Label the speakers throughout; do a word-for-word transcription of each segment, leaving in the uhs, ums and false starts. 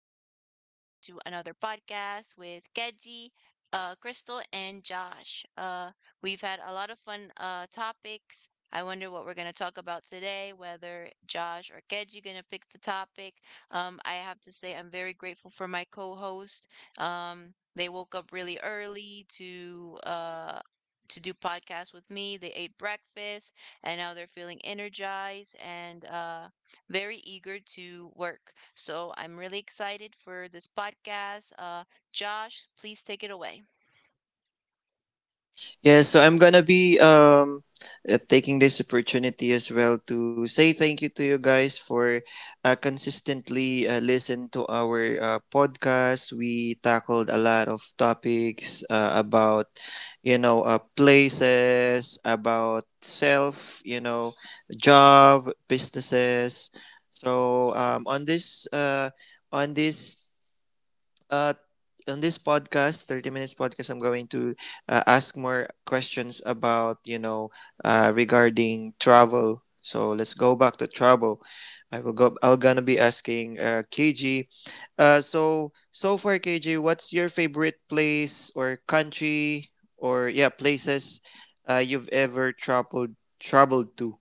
Speaker 1: guys. Welcome to another podcast with Keji, uh, Crystal, and Josh. Uh, we've had a lot of fun uh topics. I wonder what we're gonna talk about today. Whether Josh or Keji gonna pick the topic. Um, I have to say I'm very grateful for my co-host. Um, they woke up really early to uh to do podcasts with me. They ate breakfast, and now they're feeling energized and uh very eager to work. So I'm really excited for this podcast. Uh, Josh, please take it away.
Speaker 2: Yes, so I'm gonna be um uh, taking this opportunity as well to say thank you to you guys for uh, consistently uh, listen to our uh, podcast. We tackled a lot of topics uh, about you know uh, places, about self, you know, job, businesses. So um, on this uh, on this uh, on this podcast, thirty minutes podcast, I'm going to uh, ask more questions about, you know, uh, regarding travel. So let's go back to travel. I will go. I'm gonna be asking uh, K G. Uh, so so far, K G, what's your favorite place or country, or yeah, places uh, you've ever traveled traveled to?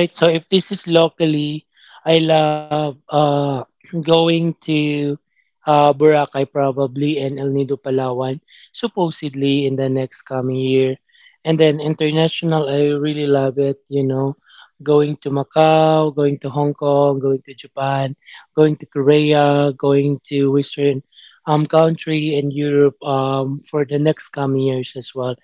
Speaker 3: All right, so if this is locally, I love uh, going to uh, Boracay probably and El Nido, Palawan, supposedly in the next coming year. And then international, I really love it, you know, going to Macau, going to Hong Kong, going to Japan, going to Korea, going to Western um, country and Europe um, for the next coming years as well.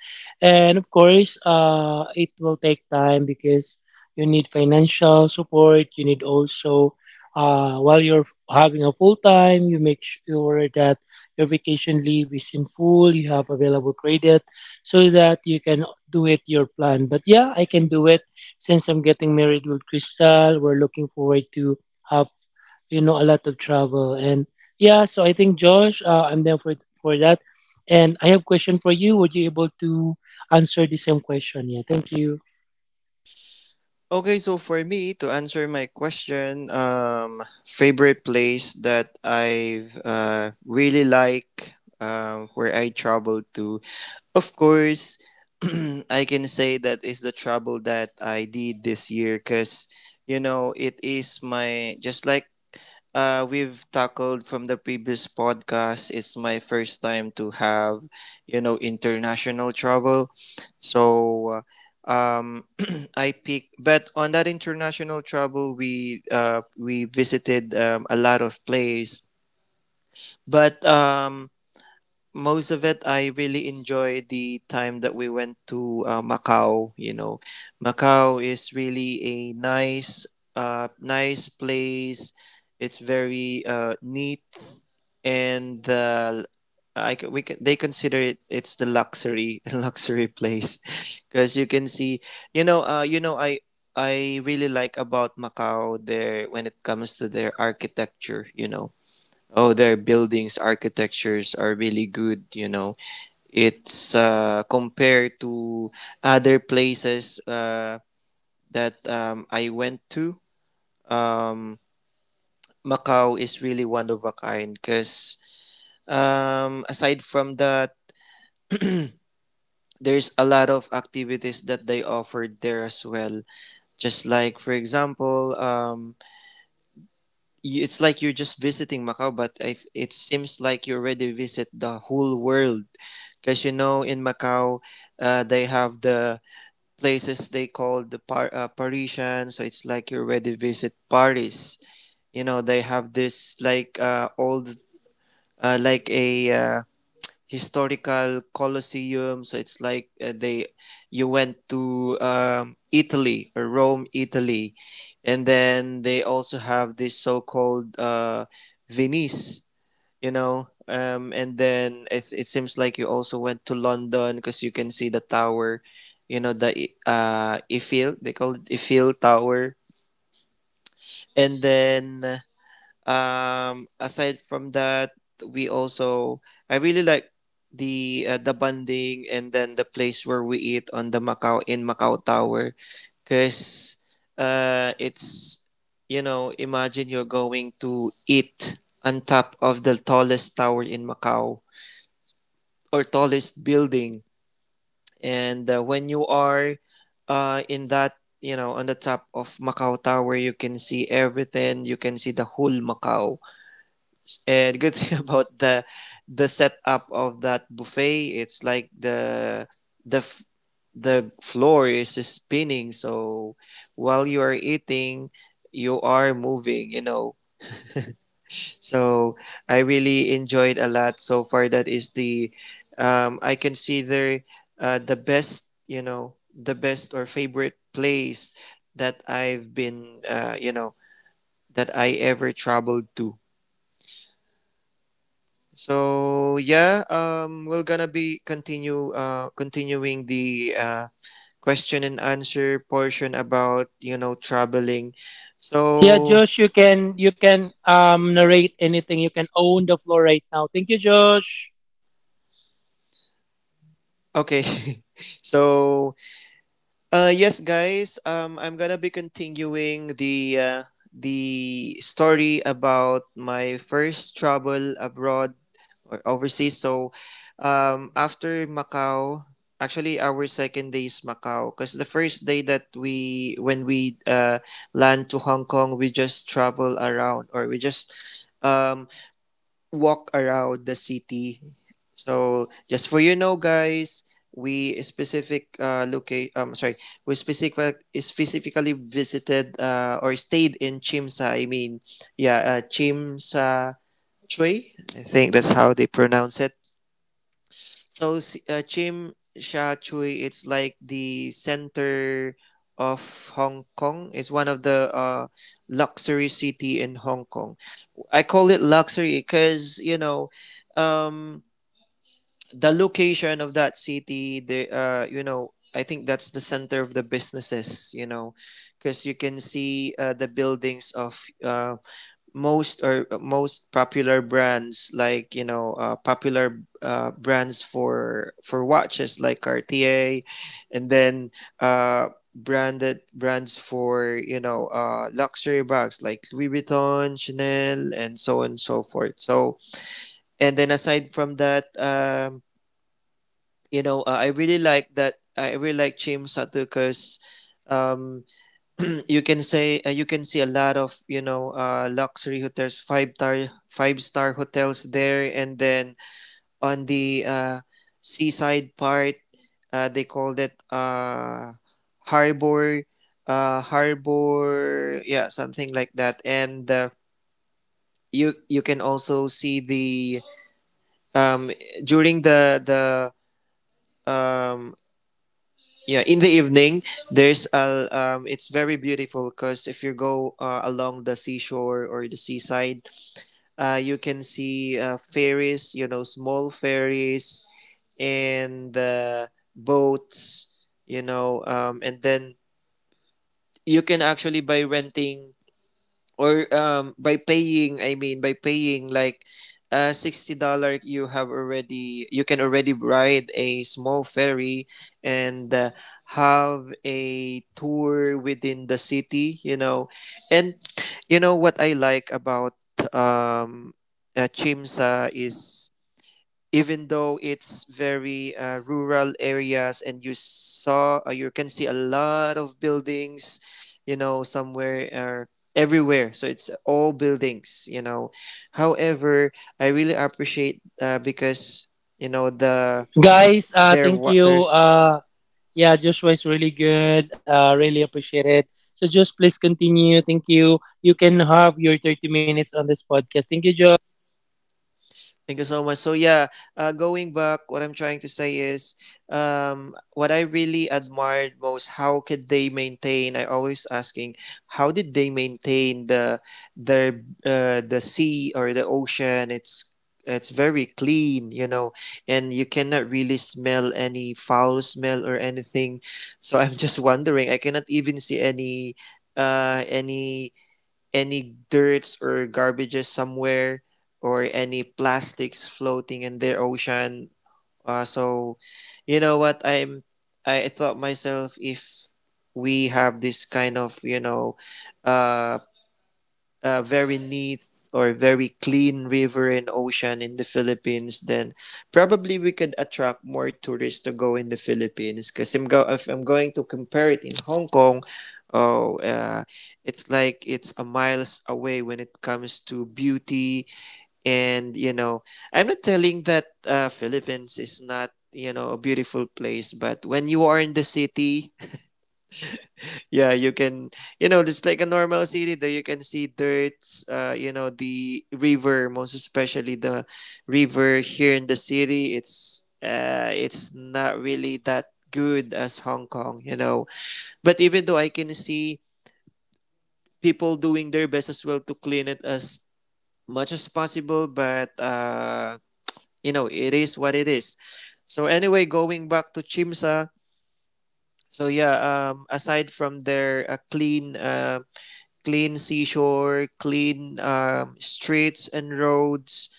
Speaker 3: And of course, uh, it will take time because you need financial support, you need also uh, while you're having a full time, you make sure that your vacation leave is in full, you have available credit so that you can do it your plan. But yeah, I can do it since I'm getting married with Crystal. We're looking forward to have, you know, a lot of travel. And yeah, so I think, Josh, uh, I'm there for for that And I have question for you. Would you able to answer the same question? Yeah, thank you.
Speaker 2: Okay, so for me to answer my question, um, favorite place that I've uh, really like uh, where I traveled to, of course, I can say that is the travel that I did this year because you know it is my, just like, uh, we've tackled from the previous podcast. It's my first time to have, you know, international travel. So, uh, um, I pick. But on that international travel, we uh, we visited um, a lot of place. But um, most of it, I really enjoy the time that we went to uh, Macau. You know, Macau is really a nice, uh, nice place. It's very uh, neat, and the I c- we c- they consider it it's the luxury luxury place because you can see you know uh you know I I really like about Macau there when it comes to their architecture, you know. Oh, their buildings, architectures are really good, you know. It's uh, compared to other places uh, that um, I went to. Um, Macau is really one of a kind because, um, aside from that, there's a lot of activities that they offered there as well. Just like, for example, um, y- it's like you're just visiting Macau, but I, th- it seems like you already visit the whole world. Because you know, in Macau, uh, they have the places they call the Par- uh, Parisian, so it's like you already visit Paris. You know, they have this like uh, old, uh, like a uh, historical Colosseum. So it's like uh, they you went to um, Italy or Rome, Italy, and then they also have this so-called uh, Venice. You know. Um, and then it, it seems like you also went to London because you can see the tower, you know, the uh, Eiffel, they call it Eiffel Tower. And then uh, um, aside from that, we also I really like the uh, the bonding and then the place where we eat on the Macau in Macau Tower, because uh, it's you know, imagine you're going to eat on top of the tallest tower in Macau, or tallest building, and uh, when you are uh, in that, you know, on the top of Macau Tower, you can see everything. You can see the whole Macau. And good thing about the the setup of that buffet, it's like the the f- the floor is spinning. So while you are eating, you are moving. You know. So I really enjoyed a lot so far. That is the um, I consider uh, the best. You know, the best or favorite place that I've been. Uh, you know that I ever traveled to. So yeah, um, we're gonna be continue uh continuing the uh question and answer portion about, you know, traveling.
Speaker 3: Yeah,
Speaker 2: So
Speaker 3: Josh, you can you can um narrate anything. You can own the floor right now. Thank you, Josh.
Speaker 2: okay, so uh yes, guys, um, I'm gonna be continuing the uh, the story about my first travel abroad or overseas. So um, after Macau, actually our second day is Macau because the first day, that we, when we uh, land to Hong Kong, we just travel around, or we just um, walk around the city. So just for you know, guys. We specific uh, locate um sorry we specific specifically visited uh, or stayed in Chimsa, I mean, yeah, uh, Chimsa Chui, I think that's how they pronounce it. So si- uh, Chim Sha Tsui, it's like the center of Hong Kong. It's one of the uh, luxury city in Hong Kong. I call it luxury because you know um, the location of that city. The uh, you know, I think that's the center of the businesses. You know, because you can see uh, the buildings of uh, most or uh, most popular brands, like, you know, uh, popular uh, brands for for watches like Cartier, and then uh branded brands for, you know, uh luxury bags like Louis Vuitton, Chanel, and so on and so forth. So and then aside from that, um you know, uh, I really like that I really like James Satuka's um you can say uh, you can see a lot of, you know, uh, luxury hotels, five star five star hotels there, and then on the uh, seaside part, uh, they called it uh, harbor uh, harbor, yeah, something like that, and uh, you you can also see the um during the the um yeah, in the evening there's a um it's very beautiful because if you go uh, along the seashore or the seaside, uh you can see uh, ferries, you know, small ferries and uh, boats, you know. Um and then you can actually, by renting, or um by paying, I mean, by paying like uh sixty dollars, you have already you can already ride a small ferry and uh, have a tour within the city, you know. And you know what I like about, um uh, Chimsa, is even though it's very uh, rural areas, and you saw uh, you can see a lot of buildings, you know, somewhere or everywhere, so it's all buildings, you know, however, I really appreciate, uh, because you know the
Speaker 3: Guys, uh,
Speaker 2: their
Speaker 3: thank you.
Speaker 2: waters.
Speaker 3: Uh, yeah, Joshua is really good. Uh, really appreciate it. So Josh, please continue. Thank you. You can have your thirty minutes on this podcast. Thank you, Josh.
Speaker 2: Thank you so much. So yeah, uh, going back, what I'm trying to say is, um, what I really admired most, how could they maintain? I always asking, how did they maintain the their uh, the sea or the ocean? It's it's very clean, you know, and you cannot really smell any foul smell or anything. So I'm just wondering. I cannot even see any uh any any dirts or garbages somewhere, or any plastics floating in their ocean. Uh, so, you know what? I'm I thought myself, if we have this kind of, you know, uh a very neat or very clean river and ocean in the Philippines, then probably we could attract more tourists to go in the Philippines. Because I'm go- if I'm going to compare it in Hong Kong, oh, uh, it's like it's a miles away when it comes to beauty. And, you know, I'm not telling that uh, Philippines is not, you know, a beautiful place, but when you are in the city, yeah, you can, you know, it's like a normal city there, you can see dirts, uh, you know, the river, most especially the river here in the city. It's, uh, it's not really that good as Hong Kong, you know. But even though I can see people doing their best as well to clean it as much as possible, but, uh, you know, it is what it is. So anyway, going back to Chimsa, so yeah, um, aside from their uh, clean, um, clean seashore, clean um, streets and roads.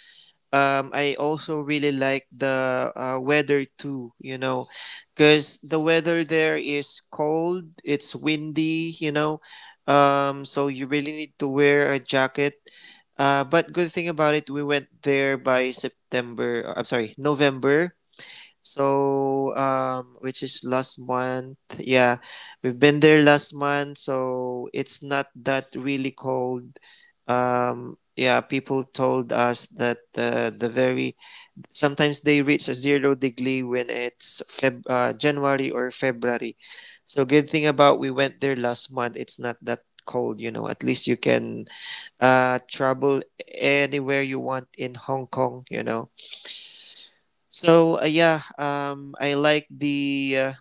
Speaker 2: Um, I also really like the uh, weather too, you know, because the weather there is cold, it's windy, you know, um, so you really need to wear a jacket. Uh, but good thing about it, we went there by September. Uh, I'm sorry, November. So, um, which is last month. Yeah, we've been there last month, so it's not that really cold. Um, yeah, people told us that uh, the very sometimes they reach a zero degree when it's Feb uh, January or February. So, good thing about we went there last month. It's not that cold, you know. At least you can uh travel anywhere you want in Hong Kong, you know. So uh, yeah, um, I like the uh,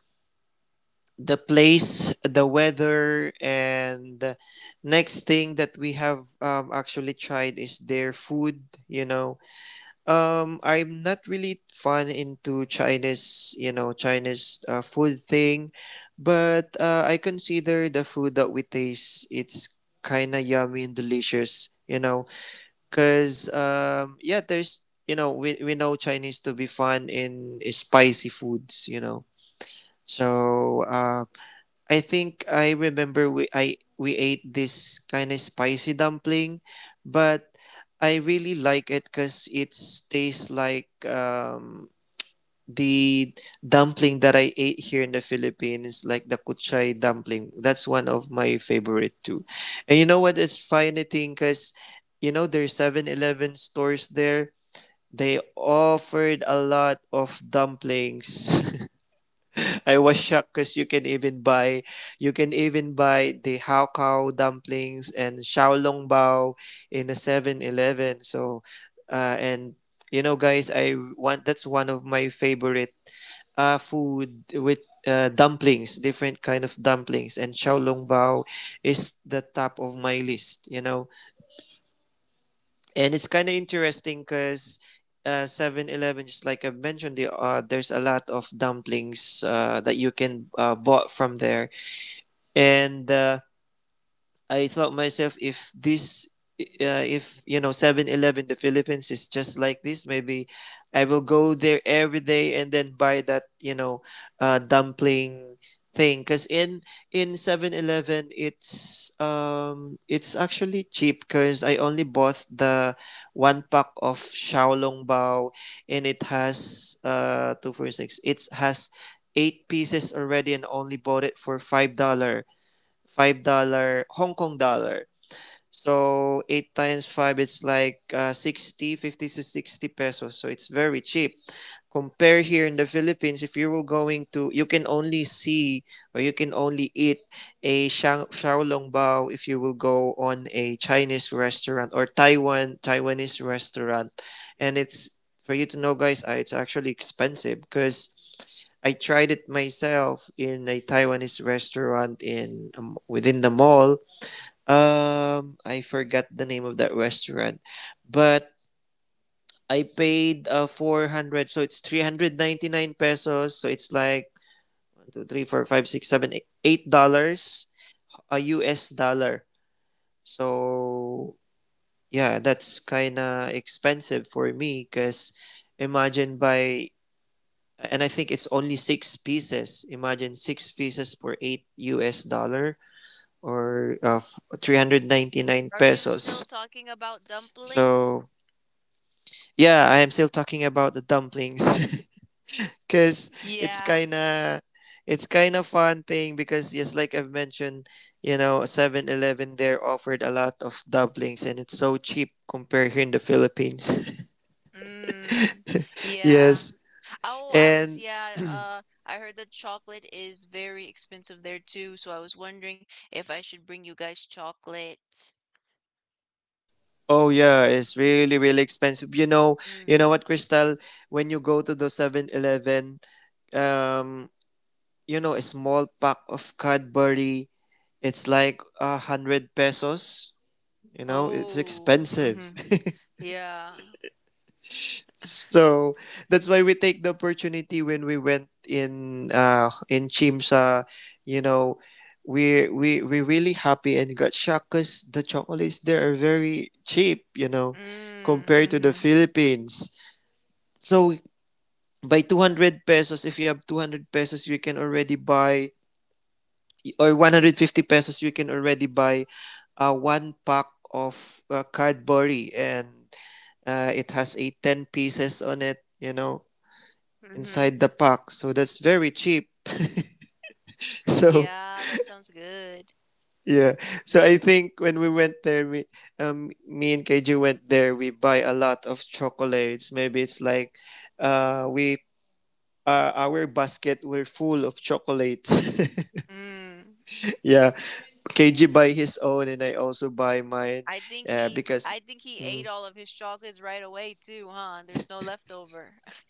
Speaker 2: the place, the weather, and the next thing that we have um, actually tried is their food. You know, um, I'm not really fun into Chinese, you know, Chinese uh, food thing, but uh, I consider the food that we taste it's kind of yummy and delicious. You know, cause um yeah, there's, you know, we we know Chinese to be fun in spicy foods, you know. So uh, I think I remember we I we ate this kind of spicy dumpling, but I really like it because it tastes like um the dumpling that I ate here in the Philippines, like the kuchay dumpling, that's one of my favorite too. And you know what? It's funny thing because, you know, there's Seven Eleven stores there. They offered a lot of dumplings. I was shocked because you can even buy you can even buy the Hao Kao dumplings and xiaolongbao in a Seven Eleven. So uh, and you know guys, I want that's one of my favorite uh, food with uh, dumplings, different kind of dumplings, and xiaolongbao is the top of my list. You know, and it's kind of interesting because uh, seven, just like I mentioned, the, uh, there's a lot of dumplings uh, that you can uh, bought from there, and uh, I thought myself, if this uh, if you know Seven Eleven the Philippines is just like this. Maybe I will go there every day and then buy that you know uh, dumpling thing cuz in in Seven Eleven it's um it's actually cheap cuz I only bought the one pack of xiaolongbao. And it has uh two four six, it has eight pieces already, and only bought it for five dollar, five dollars Hong Kong dollar. So eight times five, it's like uh, sixty fifty to sixty pesos. So it's very cheap. Compare here in the Philippines, if you were going to, you can only see or you can only eat a shang, xiaolong bao if you will go on a Chinese restaurant or Taiwan, Taiwanese restaurant. And it's, for you to know guys, uh, it's actually expensive because I tried it myself in a Taiwanese restaurant in um, within the mall. um, I forgot the name of that restaurant, but I paid uh, four hundred, so it's three hundred ninety-nine pesos. So it's like one, two, three, four, five, six, seven, eight eight dollars, a U S dollar. So yeah, that's kind of expensive for me because imagine by, and I think it's only six pieces. Imagine six pieces for eight U S dollar or uh, three hundred ninety-nine
Speaker 1: Are you still
Speaker 2: pesos.
Speaker 1: talking about dumplings?
Speaker 2: So yeah, I am still talking about the dumplings because it's
Speaker 1: Yeah.
Speaker 2: kind of it's kind of fun thing because yes, like I've mentioned, you know, Seven Eleven there offered a lot of dumplings and it's so cheap compared here in the Philippines.
Speaker 1: Mm, yeah.
Speaker 2: Yes,
Speaker 1: Oh, I was,
Speaker 2: and
Speaker 1: yeah, uh, I heard that chocolate is very expensive there too, so I was wondering if I should bring you guys chocolate.
Speaker 2: oh yeah, it's really really expensive. You know,
Speaker 1: Mm.
Speaker 2: you know what, Crystal? When you go to the Seven Eleven, um, you know, a small pack of Cadbury, it's like a hundred pesos. You know, it's
Speaker 1: Oh,
Speaker 2: expensive.
Speaker 1: mm-hmm. Yeah.
Speaker 2: So that's why we take the opportunity when we went in uh in Chimsa, you know, we we we really happy and got shocked because the chocolates there are very cheap, you know,
Speaker 1: Mm,
Speaker 2: compared to the
Speaker 1: mm-hmm.
Speaker 2: Philippines. So by two hundred pesos, if you have two hundred pesos, you can already buy, or one hundred fifty pesos, you can already buy uh, one pack of uh, Cadbury. And Uh, it has a ten pieces on it, you know,
Speaker 1: Mm-hmm.
Speaker 2: inside the pack. So that's very cheap. So,
Speaker 1: Yeah, that sounds good.
Speaker 2: yeah. So I think when we went there, me, um, me and K J went there, we buy a lot of chocolates. Maybe it's like, uh, we, uh, our basket were full of chocolates.
Speaker 1: Mm.
Speaker 2: Yeah. K J buy his own and I also buy mine.
Speaker 1: I think
Speaker 2: Uh,
Speaker 1: he
Speaker 2: because,
Speaker 1: I think he ate
Speaker 2: mm.
Speaker 1: all of his chocolates right away too, huh? There's no leftover.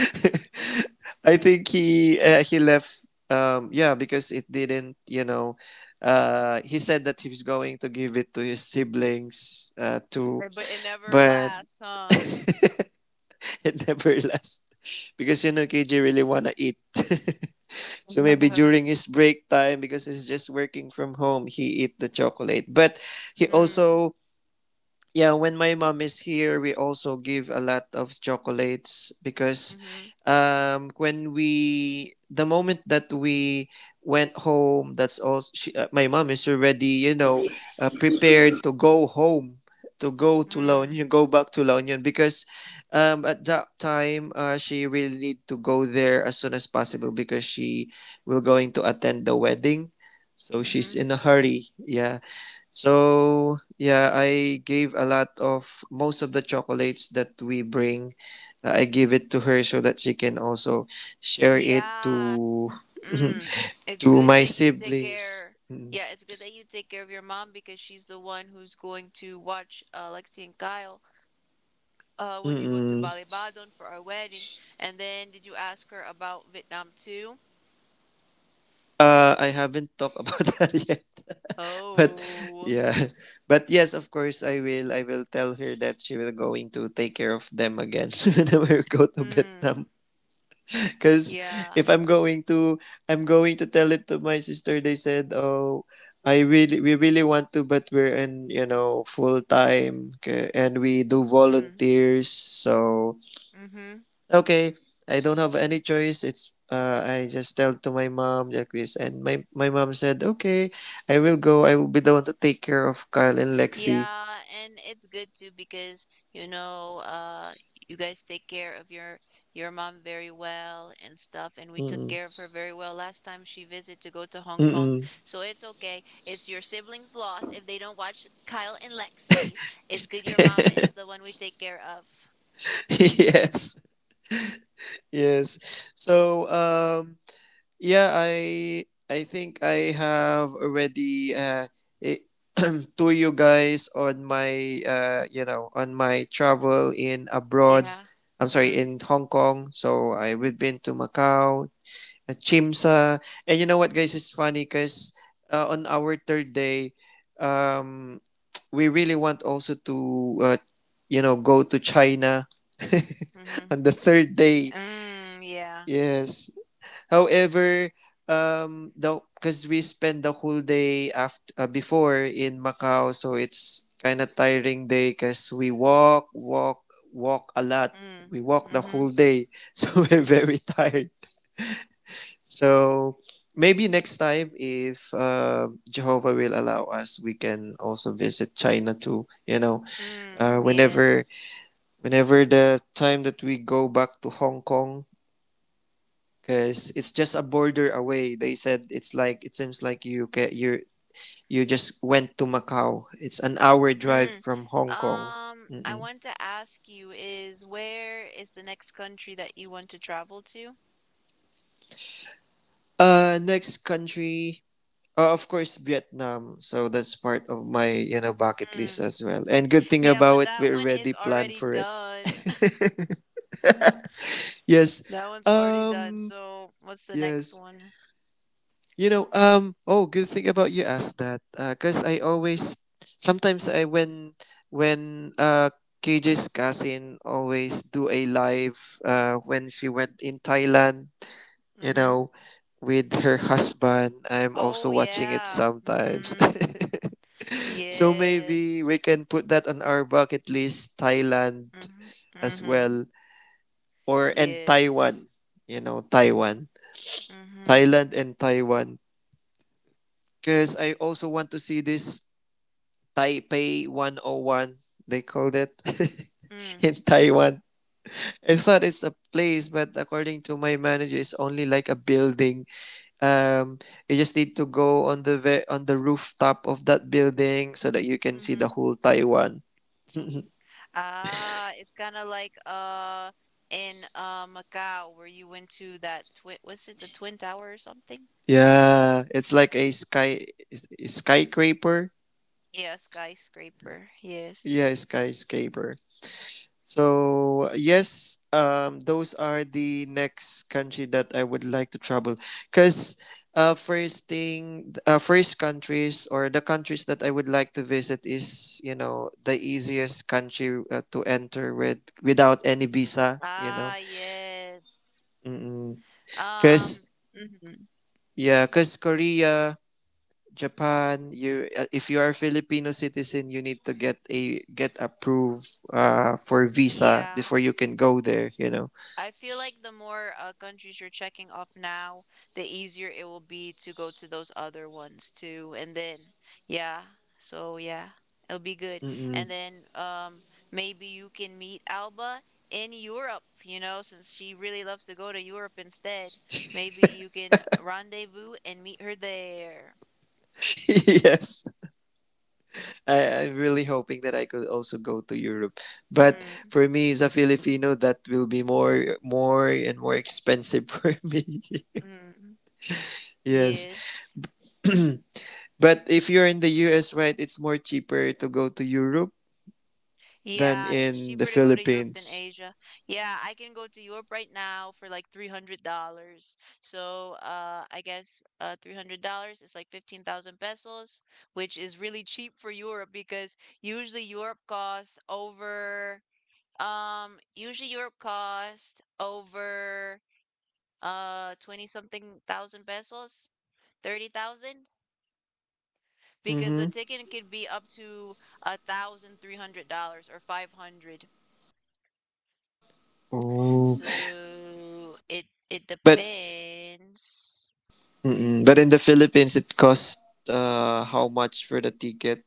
Speaker 2: I think he uh, he left. Um, yeah, because it didn't. You know, uh, he said that he was going to give it to his siblings uh, too,
Speaker 1: Uh, but it never
Speaker 2: but
Speaker 1: lasts, huh?
Speaker 2: it never lasts because you know K J really wanna eat. So maybe during his break time because he's just working from home, he eat the chocolate. But he
Speaker 1: Mm.
Speaker 2: also, yeah, when my mom is here we also give a lot of chocolates because
Speaker 1: Mm-hmm.
Speaker 2: um when we the moment that we went home, that's all she, uh, my mom is already you know uh, prepared to go home to go to La
Speaker 1: Mm.
Speaker 2: Union, go back to La Union because um, at that time uh, she really need to go there as soon as possible because she will going to attend the wedding, so she's
Speaker 1: Mm-hmm.
Speaker 2: in a hurry. Yeah, so yeah, I gave a lot of most of the chocolates that we bring. uh, I give it to her so that she can also share it
Speaker 1: Yeah.
Speaker 2: to
Speaker 1: Mm. It's
Speaker 2: to
Speaker 1: good
Speaker 2: my
Speaker 1: that you take
Speaker 2: siblings.
Speaker 1: care.
Speaker 2: Mm,
Speaker 1: Yeah, it's good that you take care of your mom because she's the one who's going to watch uh, Lexi and Kyle uh, when you go to
Speaker 2: mm-mm.
Speaker 1: Balibadon for our wedding. And then did you ask her about Vietnam too?
Speaker 2: Uh, I haven't talked about that yet, but
Speaker 1: Oh.
Speaker 2: yeah, but yes, of course, I will. I will tell her that she will going to take care of them again when we go to
Speaker 1: Hmm.
Speaker 2: Vietnam. Because
Speaker 1: Yeah.
Speaker 2: if I'm going to, I'm going to tell it to my sister. They said, "Oh, I really, we really want to, but we're in, you know, full time, okay, and we do
Speaker 1: Mm,
Speaker 2: volunteers." So
Speaker 1: mm-hmm.
Speaker 2: okay, I don't have any choice. It's, uh, I just tell to my mom like this, and my my mom said, "Okay, I will go. I will be the one to take care of Kyle and Lexi."
Speaker 1: Yeah, and it's good too because you know, uh, you guys take care of your your mom very well and stuff, and we took care of
Speaker 2: Mm-mm.
Speaker 1: her very well last time she visited to go to Hong Kong.
Speaker 2: Mm-mm.
Speaker 1: So it's okay. It's your siblings' loss if they don't watch Kyle and Lexi. It's good your mama is the one we take care of.
Speaker 2: Yes. Yes. So, um, yeah, I I think I have already uh eh, to you guys on my uh you know on my travel in abroad.
Speaker 1: Yeah.
Speaker 2: I'm sorry,
Speaker 1: Mm,
Speaker 2: in Hong Kong. So I we've been to Macau, uh, Chimsa, and you know what, guys? It's funny because uh, on our third day, um, we really want also to uh, you know go to China
Speaker 1: mm-hmm.
Speaker 2: on the third day.
Speaker 1: Mm, yeah.
Speaker 2: Yes. However, um, the because we spend the whole day after uh, before in Macau, so it's kind of tiring day because we walk, walk, walk a lot.
Speaker 1: Mm,
Speaker 2: We walk the
Speaker 1: mm-hmm.
Speaker 2: whole day, so we're very tired. So maybe next time, if uh, Jehovah will allow us, we can also visit China too. You know, uh,
Speaker 1: Mm,
Speaker 2: whenever
Speaker 1: yes.
Speaker 2: whenever the time that we go back to Hong Kong because it's just a border away. They said it's like it seems like you ca- you you just went to Macau. It's an hour drive
Speaker 1: Mm.
Speaker 2: from Hong Kong.
Speaker 1: Um, I
Speaker 2: Mm-mm.
Speaker 1: want to ask you is where is the next country that you want to travel to?
Speaker 2: Uh, next country, uh, of course, Vietnam. So that's part of my you know bucket list
Speaker 1: Mm.
Speaker 2: as well. And good thing
Speaker 1: Yeah,
Speaker 2: about
Speaker 1: but
Speaker 2: it, we
Speaker 1: that one
Speaker 2: already
Speaker 1: is
Speaker 2: planned
Speaker 1: already
Speaker 2: for it.
Speaker 1: done.
Speaker 2: Yes.
Speaker 1: That one's already done.
Speaker 2: Um.
Speaker 1: So, what's the next
Speaker 2: Yes.
Speaker 1: one?
Speaker 2: You know, um, oh, good thing about you asked that, because I always, sometimes I when when uh K J's cousin always do a live uh when she went in Thailand, you
Speaker 1: Mm-hmm.
Speaker 2: know, with her husband. I'm also
Speaker 1: Oh
Speaker 2: watching it
Speaker 1: yeah.
Speaker 2: sometimes.
Speaker 1: Mm-hmm.
Speaker 2: So maybe we
Speaker 1: Yes.
Speaker 2: can put that on our bucket list, Thailand
Speaker 1: Mm-hmm.
Speaker 2: as
Speaker 1: Mm-hmm.
Speaker 2: well, or and
Speaker 1: Yes.
Speaker 2: Taiwan. You know, Taiwan,
Speaker 1: Mm-hmm.
Speaker 2: Thailand and Taiwan because I also want to see this Taipei one oh one, they called it in
Speaker 1: Mm.
Speaker 2: Taiwan. I thought it's a place, but according to my manager, it's only like a building. Um, you just need to go on the ve- on the rooftop of that building so that you can see the
Speaker 1: Mm-hmm.
Speaker 2: whole Taiwan.
Speaker 1: Ah, it's kind of like uh in uh Macau where you went to that twin, was it the Twin Tower or something?
Speaker 2: Yeah, it's like a sky skyscraper.
Speaker 1: Yeah, skyscraper. Yes.
Speaker 2: Yeah, skyscraper. So yes, um, those are the next country that I would like to travel. Cause uh, first thing, uh, first countries or the countries that I would like to visit is you know the easiest country uh, to enter with without any visa. You know,
Speaker 1: Ah, yes.
Speaker 2: mm-mm.
Speaker 1: Um,
Speaker 2: Cause
Speaker 1: mhm.
Speaker 2: yeah, cause Korea, Japan. You uh, if you are Filipino citizen, you need to get a get approved uh, for visa
Speaker 1: Yeah.
Speaker 2: before you can go there. You know.
Speaker 1: I feel like the more uh, countries you're checking off now, the easier it will be to go to those other ones too. And then, yeah, so yeah, it'll be good.
Speaker 2: Mm-mm.
Speaker 1: And then, um, maybe you can meet Alba in Europe, you know, since she really loves to go to Europe instead. Maybe you can rendezvous and meet her there.
Speaker 2: Yes, I, I'm really hoping that I could also go to Europe. But
Speaker 1: Mm,
Speaker 2: for me as a Filipino, that will be more, more and more expensive for me.
Speaker 1: mm.
Speaker 2: Yes.
Speaker 1: Yes.
Speaker 2: But if you're in the U S, right, it's more cheaper to go to Europe than
Speaker 1: Yeah, it's
Speaker 2: in the
Speaker 1: cheaper to go to Europe than
Speaker 2: Philippines.
Speaker 1: Asia. Yeah, I can go to Europe right now for like three hundred dollars. So, uh, I guess uh, three hundred dollars is like fifteen thousand pesos, which is really cheap for Europe because usually Europe costs over, um, usually Europe costs over uh twenty something thousand pesos, thirty thousand, because the
Speaker 2: Mm-hmm.
Speaker 1: ticket could be up to a thousand three hundred dollars or five hundred.
Speaker 2: Oh,
Speaker 1: So it it
Speaker 2: but
Speaker 1: depends.
Speaker 2: mm-mm. But in the Philippines, it costs uh how much for the ticket?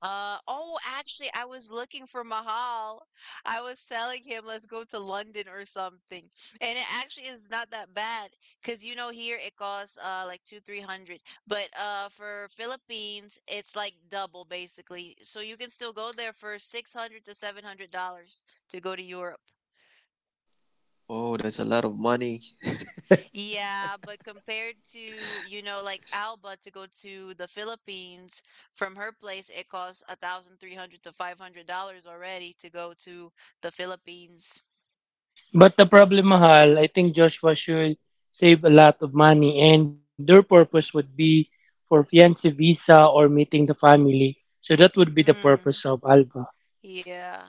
Speaker 1: Uh oh, actually, I was looking for Mahal. I was telling him let's go to London or something, and it actually is not that bad because you know here it costs uh like two three hundred, but uh for Philippines it's like double basically. So you can still go there for six hundred to seven hundred dollars to go to Europe.
Speaker 2: Oh, that's a lot of money.
Speaker 1: Yeah, but compared to, you know, like Alba to go to the Philippines from her place, it costs a thousand three hundred to five hundred dollars already to go to the Philippines.
Speaker 3: But the problem, Mahal, I think Joshua should save a lot of money, and their purpose would be for fiancé visa or meeting the family. So that would be the purpose
Speaker 1: Hmm.
Speaker 3: of Alba.
Speaker 1: Yeah.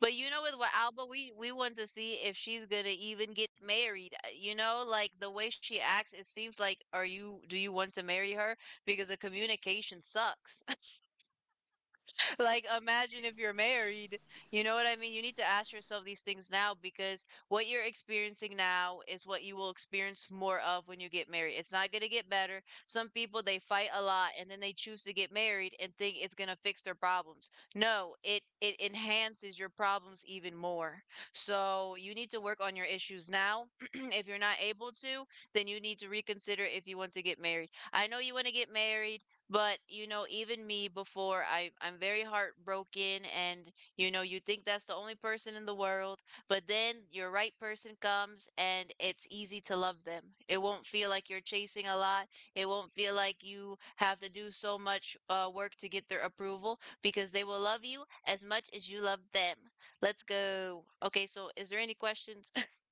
Speaker 1: But you know with what Alba we we want to see if she's gonna even get married. Uh, You know, like the way she acts, it seems like are you do you want to marry her? Because the communication sucks. Like, imagine if you're married. You know what I mean? You need to ask yourself these things now because what you're experiencing now is what you will experience more of when you get married. It's not going to get better. Some people, they fight a lot and then they choose to get married and think it's going to fix their problems. No, it, it enhances your problems even more. So you need to work on your issues now. If you're not able to, then you need to reconsider if you want to get married. I know you want to get married, but, you know, even me before, I I'm very heartbroken, and you know, you think that's the only person in the world, but then your right person comes and it's easy to love them. It won't feel like you're chasing a lot. It won't feel like you have to do so much uh, work to get their approval because they will love you as much as you love them. Let's go. Okay, so is there any questions?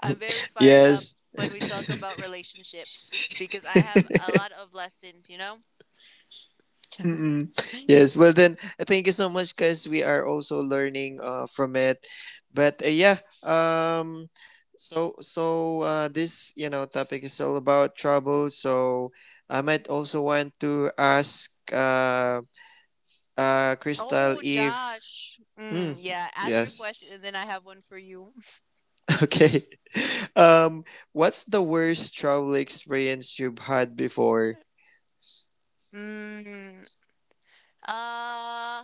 Speaker 1: I'm very fired up
Speaker 2: Yes.
Speaker 1: when we talk about relationships because I have a lot of lessons, you know?
Speaker 2: Mm-mm. Yes. Well, then, uh, thank you so much, cause we are also learning uh, from it. But uh, yeah, um, so so uh, this you know topic is all about trouble. So I might also want to ask uh, uh, Crystal
Speaker 1: Oh,
Speaker 2: if.
Speaker 1: Josh. Mm,
Speaker 2: Mm,
Speaker 1: yeah, ask your
Speaker 2: yes.
Speaker 1: question and then I have one for you.
Speaker 2: Okay. Um, what's the worst trouble experience you've had before?
Speaker 1: Mm, uh, I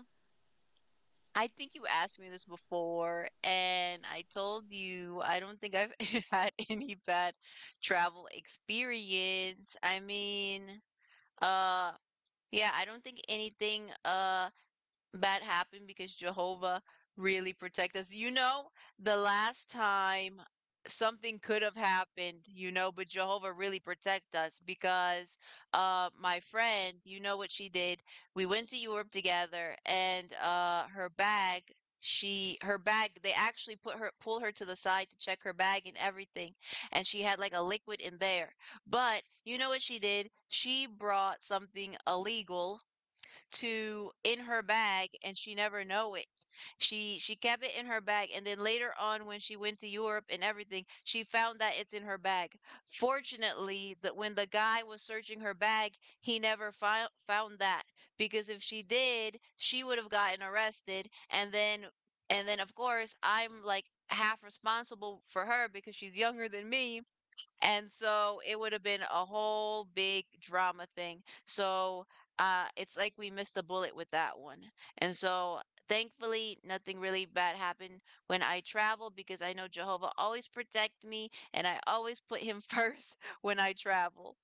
Speaker 1: think you asked me this before, and I told you I don't think I've had any bad travel experience. I mean, uh, yeah, I don't think anything, uh, That happened because Jehovah really protect us. You know, the last time something could have happened, you know, but Jehovah really protect us because uh my friend, you know what she did? We went to Europe together, and uh her bag, she her bag they actually put her pull her to the side to check her bag and everything, and she had like a liquid in there, but you know what she did, she brought something illegal to in her bag, and she never know it. She she kept it in her bag, and then later on when she went to Europe and everything, she found that it's in her bag. Fortunately, that when the guy was searching her bag, he never fi- found that, because if she did, she would have gotten arrested, and then and then of course I'm like half responsible for her because she's younger than me, and so it would have been a whole big drama thing. So uh, it's like we missed a bullet with that one. And so thankfully, nothing really bad happened when I traveled because I know Jehovah always protect me, and I always put him first when I travel.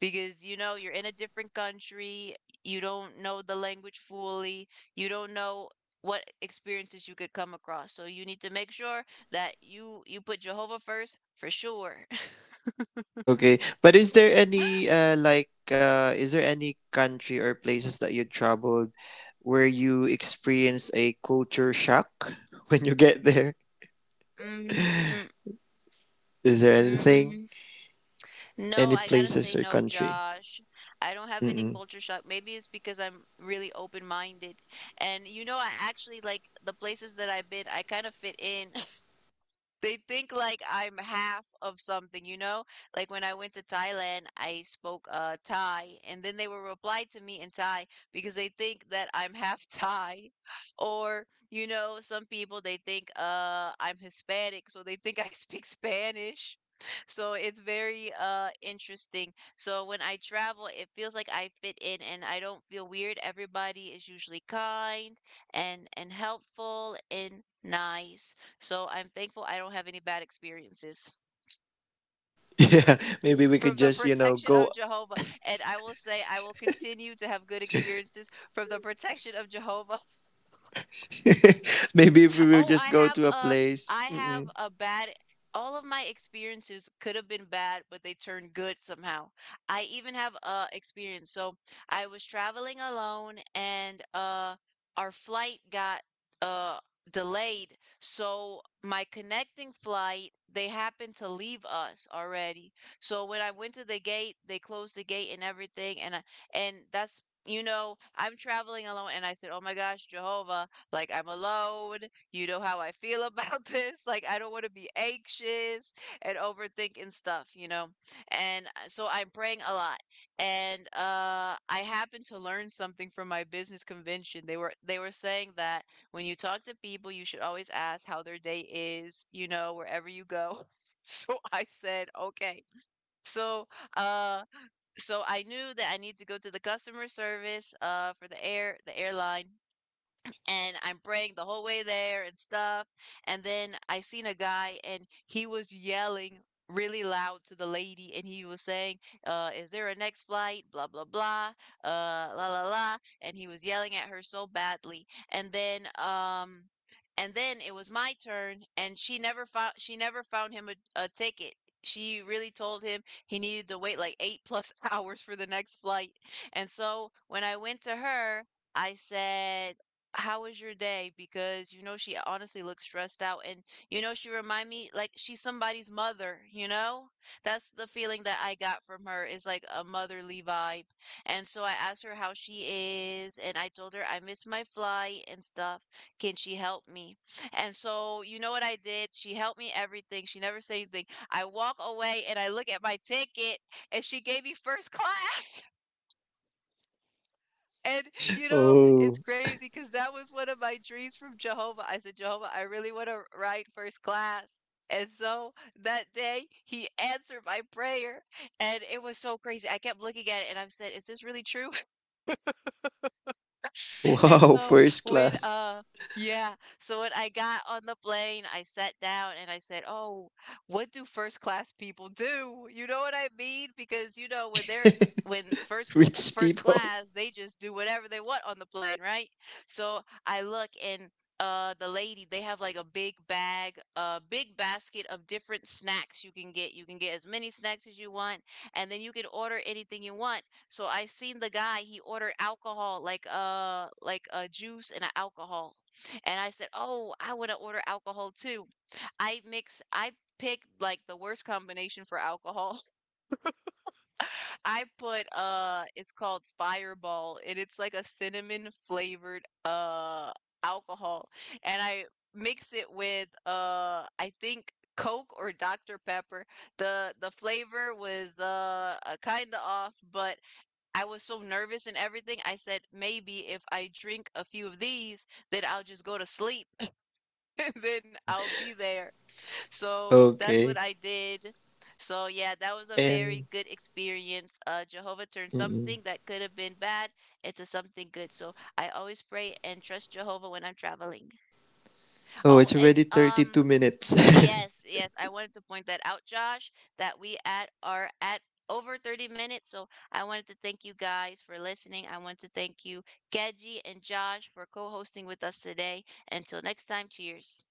Speaker 1: Because you know, you're in a different country, you don't know the language fully, you don't know what experiences you could come across. So you need to make sure that you you put Jehovah first for sure.
Speaker 2: Okay. But is there any uh like uh is there any country or places that you traveled where you experience a culture shock when you get there?
Speaker 1: Mm, mm,
Speaker 2: Is there anything?
Speaker 1: mm. No,
Speaker 2: Any
Speaker 1: I gotta
Speaker 2: places
Speaker 1: say
Speaker 2: or
Speaker 1: no,
Speaker 2: country?
Speaker 1: Josh. I don't have any
Speaker 2: Mm-mm.
Speaker 1: culture shock. Maybe it's because I'm really open-minded. And you know, I actually like the places that I've been, I kind of fit in. They think like I'm half of something, you know? Like when I went to Thailand, I spoke uh Thai, and then they will reply to me in Thai because they think that I'm half Thai. Or, you know, some people they think uh I'm Hispanic, so they think I speak Spanish. So it's very uh interesting. So when I travel, it feels like I fit in and I don't feel weird. Everybody is usually kind, and and helpful and nice. So I'm thankful I don't have any bad experiences
Speaker 2: Yeah, maybe we could
Speaker 1: from the
Speaker 2: just, you know,
Speaker 1: protection
Speaker 2: go.
Speaker 1: of Jehovah. And I will say, I will continue to have good experiences from the protection of Jehovah.
Speaker 2: Maybe if we will
Speaker 1: Oh, I
Speaker 2: just go
Speaker 1: have
Speaker 2: to a
Speaker 1: a
Speaker 2: place.
Speaker 1: I have
Speaker 2: Mm-mm.
Speaker 1: a bad, all of my experiences could have been bad, but they turned good somehow. I even have a experience. So I was traveling alone, and uh our flight got uh delayed. So my connecting flight, they happened to leave us already. So when I went to the gate, they closed the gate and everything, and I, and that's you know, I'm traveling alone, and I said, "Oh my gosh, Jehovah, like I'm alone, you know how I feel about this. Like, I don't want to be anxious and overthinking stuff, you know? And uh, so I'm praying a lot. And uh, I happened to learn something from my business convention. They were they were saying that when you talk to people, you should always ask how their day is, you know, wherever you go. So I said, okay. So uh, so I knew that I need to go to the customer service uh, for the air the airline, and I'm praying the whole way there and stuff. And then I seen a guy, and he was yelling really loud to the lady, and he was saying, uh, is there a next flight? Blah blah blah. Uh la la la. And he was yelling at her so badly. And then um and then it was my turn, and she never found she never found him a, a ticket. She really told him he needed to wait like eight plus hours for the next flight. And so when I went to her, I said, how was your day? Because you know she honestly looks stressed out, and you know she remind me like she's somebody's mother, you know? That's the feeling that I got from her is like a motherly vibe. And so I asked her how she is, and I told her I missed my flight and stuff. Can she help me? And so you know what I did? She helped me everything. She never said anything. I walk away and I look at my ticket, and she gave me first class. And, you know, it's
Speaker 2: Oh,
Speaker 1: crazy because that was one of my dreams from Jehovah. I said, "Jehovah, I really wanna ride first class." And so that day, he answered my prayer, and it was so crazy. I kept looking at it and I said, "Is this really true?" And
Speaker 2: wow,
Speaker 1: so
Speaker 2: first
Speaker 1: when
Speaker 2: class
Speaker 1: uh yeah, so when I got on the plane, I sat down and I said, "Oh, what do first class people do?" You know what I mean? Because you know when they're when first pl-
Speaker 2: rich
Speaker 1: first
Speaker 2: people.
Speaker 1: class, they just do whatever they want on the plane, right? So I look, and uh the lady, they have like a big bag, a big basket of different snacks you can get. You can get as many snacks as you want, and then you can order anything you want, so I seen the guy, he ordered alcohol, like uh like a juice and an alcohol. And I said, "Oh, I want to order alcohol too." I mix I picked like the worst combination for alcohol. I put uh it's called Fireball, and it's like a cinnamon flavored uh alcohol, and I mix it with uh I think Coke or Dr Pepper. The the flavor was uh kind of off, but I was so nervous and everything. I said, maybe if I drink a few of these, then I'll just go to sleep and then I'll be there. So that's what
Speaker 2: Okay.
Speaker 1: I did. So yeah, that was a very
Speaker 2: And
Speaker 1: good experience. Uh, Jehovah turned
Speaker 2: mm-mm.
Speaker 1: something that could have been bad into something good. So I always pray and trust Jehovah when I'm traveling.
Speaker 2: Oh,
Speaker 1: Oh,
Speaker 2: it's
Speaker 1: and
Speaker 2: already
Speaker 1: um,
Speaker 2: thirty-two minutes.
Speaker 1: yes, yes. I wanted to point that out, Josh, that we at are at over thirty minutes. So I wanted to thank you guys for listening. I want to thank you, Geji and Josh, for co-hosting with us today. Until next time, cheers.